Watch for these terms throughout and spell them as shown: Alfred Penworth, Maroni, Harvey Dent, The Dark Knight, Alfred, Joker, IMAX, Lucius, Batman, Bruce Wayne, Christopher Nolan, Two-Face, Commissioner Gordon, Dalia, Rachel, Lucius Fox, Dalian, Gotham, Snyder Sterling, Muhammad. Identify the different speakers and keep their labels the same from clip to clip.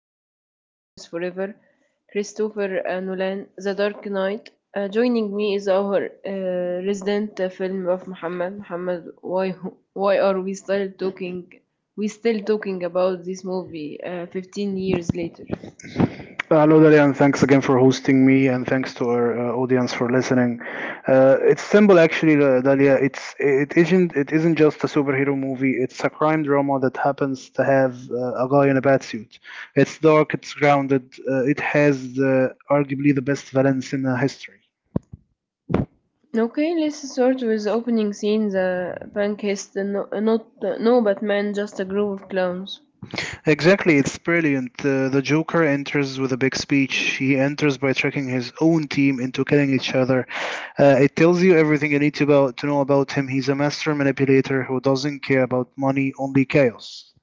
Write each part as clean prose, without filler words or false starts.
Speaker 1: superhero films forever, Christopher Nolan, The Dark Knight. Joining me is our resident film buff Muhammad. Muhammad, why are we still talking? We still talking about this movie 15 years later.
Speaker 2: Hello, Dalian. Thanks again for hosting me, and thanks to our audience for listening. It's simple, actually, Dalia. It isn't just a superhero movie. It's a crime drama that happens to have a guy in a bat suit. It's dark. It's grounded. It has arguably the best villains in history.
Speaker 1: Okay, let's start with the opening scene. The pancast, no, not no Batman, just a group of clowns.
Speaker 2: Exactly, it's brilliant. The Joker enters with a big speech. He enters by tricking his own team into killing each other. It tells you everything you need to know about him. He's a master manipulator who doesn't care about money, only chaos.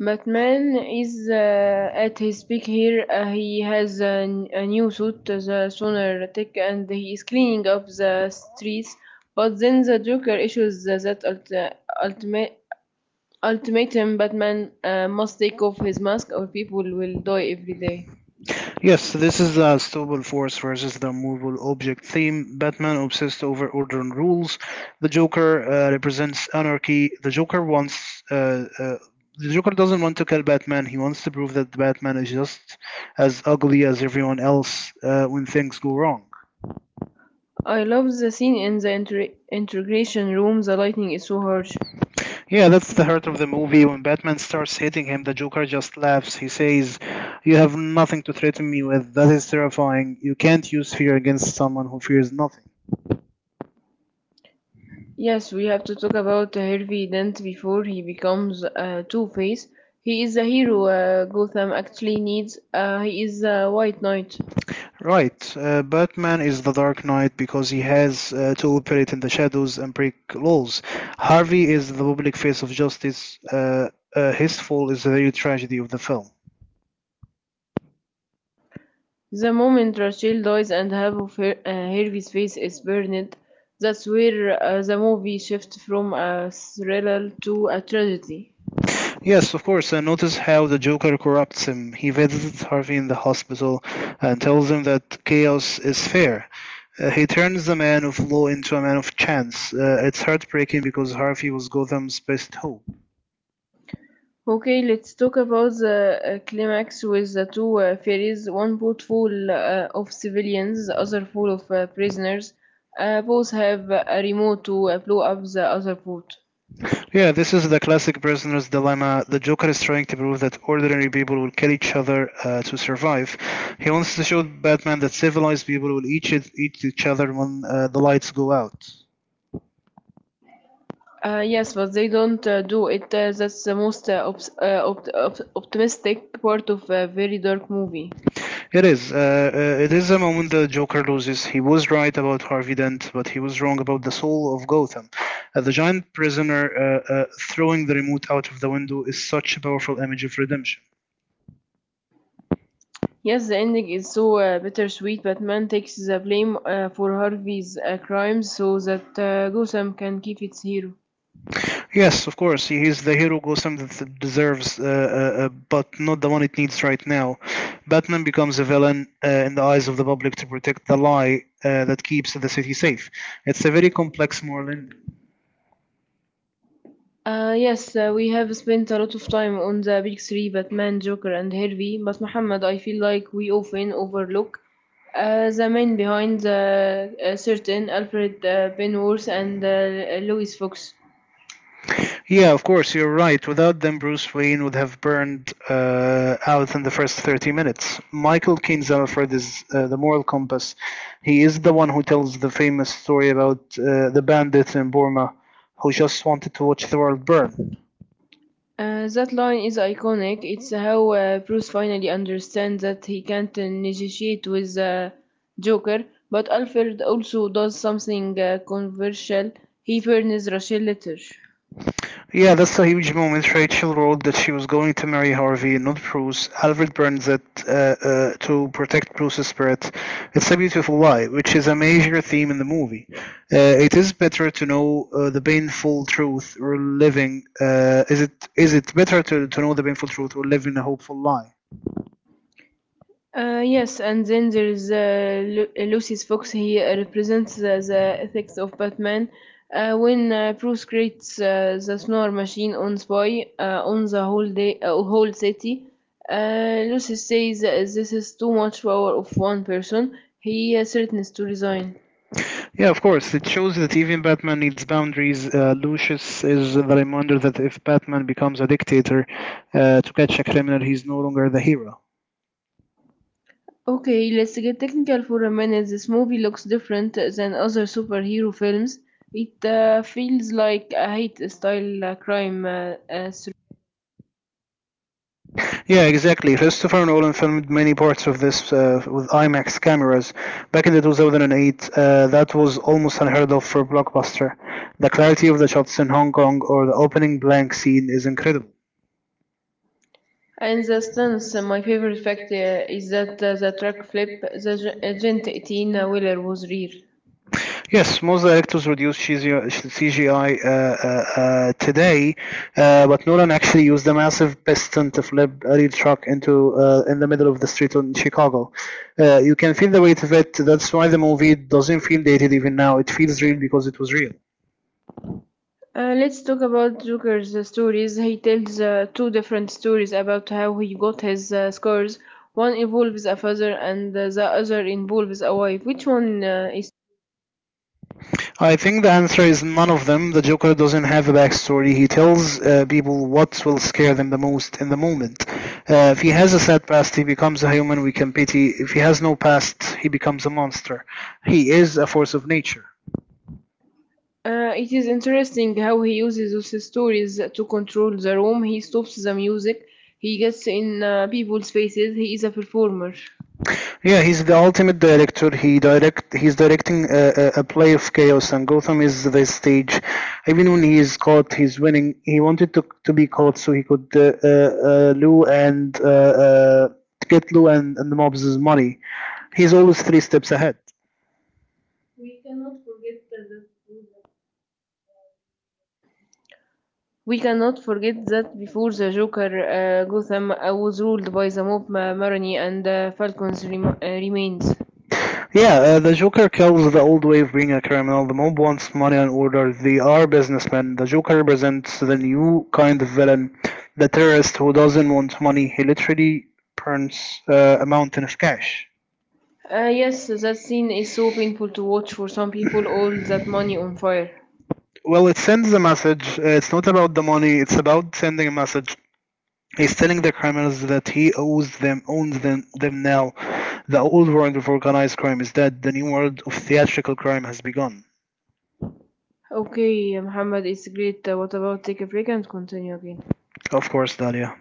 Speaker 1: Batman is at his peak here. He has a new suit, the Sonar Tech, and he is cleaning up the streets. But then the Joker issues the- that ulti- ultimate ultimatum. Batman must take off his mask or people will die every day.
Speaker 2: Yes, so this is the stowable force versus the movable object theme. Batman obsessed over order and rules. The Joker represents anarchy. The Joker doesn't want to kill Batman. He wants to prove that Batman is just as ugly as everyone else when things go wrong.
Speaker 1: I love the scene in the integration room, the lighting is so harsh.
Speaker 2: Yeah, that's the heart of the movie. When Batman starts hitting him, the Joker just laughs. He says, "You have nothing to threaten me with." That is terrifying. You can't use fear against someone who fears nothing.
Speaker 1: Yes, we have to talk about Harvey Dent before he becomes Two-Face. He is the hero Gotham actually needs. He is the White Knight.
Speaker 2: Right, Batman is the Dark Knight because he has to operate in the shadows and break laws. Harvey is the public face of justice. His fall is the real tragedy of the film.
Speaker 1: The moment Rachel dies and Harvey's face is burned, that's where the movie shifts from a thriller to a tragedy.
Speaker 2: Yes, of course, and notice how the Joker corrupts him. He visits Harvey in the hospital and tells him that chaos is fair. He turns the man of law into a man of chance. It's heartbreaking because Harvey was Gotham's best hope.
Speaker 1: Okay, let's talk about the climax with the two ferries, one boat full of civilians, the other full of prisoners. Both have a remote to blow up the other boat.
Speaker 2: Yeah, this is the classic prisoner's dilemma. The Joker is trying to prove that ordinary people will kill each other to survive. He wants to show Batman that civilized people will eat each other when the lights go out.
Speaker 1: Yes, but they don't do it. That's the most optimistic part of a very dark movie.
Speaker 2: It is. It is a moment the Joker loses. He was right about Harvey Dent, but he was wrong about the soul of Gotham. The giant prisoner throwing the remote out of the window is such a powerful image of redemption.
Speaker 1: Yes, the ending is so bittersweet. Batman takes the blame for Harvey's crimes so that Gotham can keep its hero.
Speaker 2: Yes, of course. He is the hero Gotham that deserves, but not the one it needs right now. Batman becomes a villain in the eyes of the public to protect the lie that keeps the city safe. It's a very complex moral ending.
Speaker 1: Yes, we have spent a lot of time on the big three, Batman, Joker, and Harvey, but Muhammad, I feel like we often overlook the men behind the certain Alfred Penworth and Louis Fox.
Speaker 2: Yeah, of course, you're right. Without them, Bruce Wayne would have burned out in the first 30 minutes. Michael Caine's Alfred is the moral compass. He is the one who tells the famous story about the bandit in Burma who just wanted to watch the world burn.
Speaker 1: That line is iconic. It's how Bruce finally understands that he can't negotiate with Joker, but Alfred also does something controversial. He burns Rachel later.
Speaker 2: Yeah, that's a huge moment. Rachel wrote that she was going to marry Harvey, not Bruce. Alfred burns it to protect Bruce's spirit. It's a beautiful lie, which is a major theme in the movie. It is better to know the painful truth or living. Is it better to know the painful truth or live in a hopeful lie?
Speaker 1: Yes, and then there is Lucius Fox. He represents the ethics of Batman. When Bruce creates the snore machine on Spy on the whole city, Lucius says this is too much power of one person. He threatens to resign.
Speaker 2: Yeah, of course. It shows that even Batman needs boundaries. Lucius is the reminder that if Batman becomes a dictator to catch a criminal, he's no longer the hero.
Speaker 1: Okay, let's get technical for a minute. This movie looks different than other superhero films. It feels like a hate style crime.
Speaker 2: Yeah, exactly. Christopher Nolan filmed many parts of this with IMAX cameras. Back in 2008, that was almost unheard of for a blockbuster. The clarity of the shots in Hong Kong or the opening blank scene is incredible.
Speaker 1: In the stance, my favorite fact is that the track flip, the Gent 18 wheeler was real.
Speaker 2: Yes, most directors reduce CGI today, but Nolan actually used a massive piston to flip a real truck into in the middle of the street in Chicago. You can feel the weight of it. That's why the movie doesn't feel dated even now. It feels real because it was real.
Speaker 1: Let's talk about Joker's stories. He tells two different stories about how he got his scars. One involves a father, and the other involves a wife. Which one is?
Speaker 2: I think the answer is none of them. The Joker doesn't have a backstory. He tells people what will scare them the most in the moment. If he has a sad past, he becomes a human we can pity. If he has no past, he becomes a monster. He is a force of nature.
Speaker 1: It is interesting how he uses those stories to control the room. He stops the music. He gets in people's faces. He is a performer.
Speaker 2: Yeah, he's the ultimate director. He's directing a play of chaos, and Gotham is the stage. Even when he is caught, he's winning. He wanted to be caught so he could Lou and get Lou and the mobs' money. He's always three steps ahead.
Speaker 1: We cannot forget that before the Joker, Gotham was ruled by the Maroni and Falcon's remains.
Speaker 2: Yeah, the Joker kills the old way of being a criminal. The mob wants money and order. They are businessmen. The Joker represents the new kind of villain, the terrorist who doesn't want money. He literally burns a mountain of cash.
Speaker 1: Yes, that scene is so painful to watch for some people, all that money on fire.
Speaker 2: Well, it sends a message. It's not about the money. It's about sending a message. He's telling the criminals that he owns them now. The old world of organized crime is dead. The new world of theatrical crime has begun.
Speaker 1: Okay, Muhammad, it's great. What about take a break and continue again?
Speaker 2: Of course, Dalia.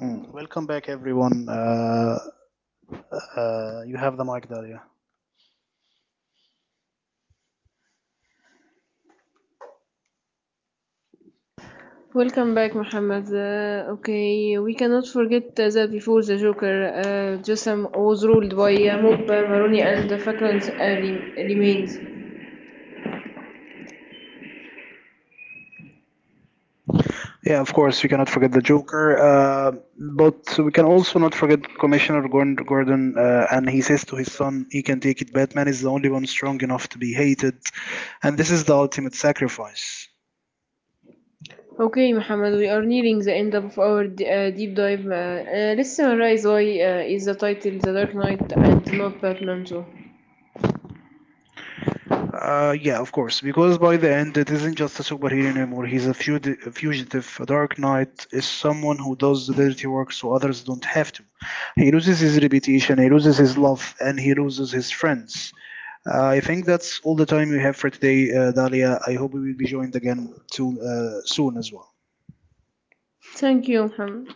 Speaker 2: Mm. Welcome back, everyone. You have the mic there, yeah.
Speaker 1: Welcome back, Muhammad. Okay, we cannot forget that before the Joker, Gotham was ruled by mob Maroni and Falcon's remains.
Speaker 2: Yeah, of course, we cannot forget the Joker, but we can also not forget Commissioner Gordon, and he says to his son, he can take it, Batman is the only one strong enough to be hated, and this is the ultimate sacrifice.
Speaker 1: Okay, Muhammad, we are nearing the end of our deep dive. Let's summarize why is the title The Dark Knight and not Batman 2.
Speaker 2: Yeah, of course, because by the end, it isn't just a superhero anymore, he's a fugitive, a dark knight, is someone who does the dirty work so others don't have to. He loses his reputation, he loses his love, and he loses his friends. I think that's all the time we have for today, Dalia. I hope we will be joined again soon, soon as well.
Speaker 1: Thank you, Muhammad.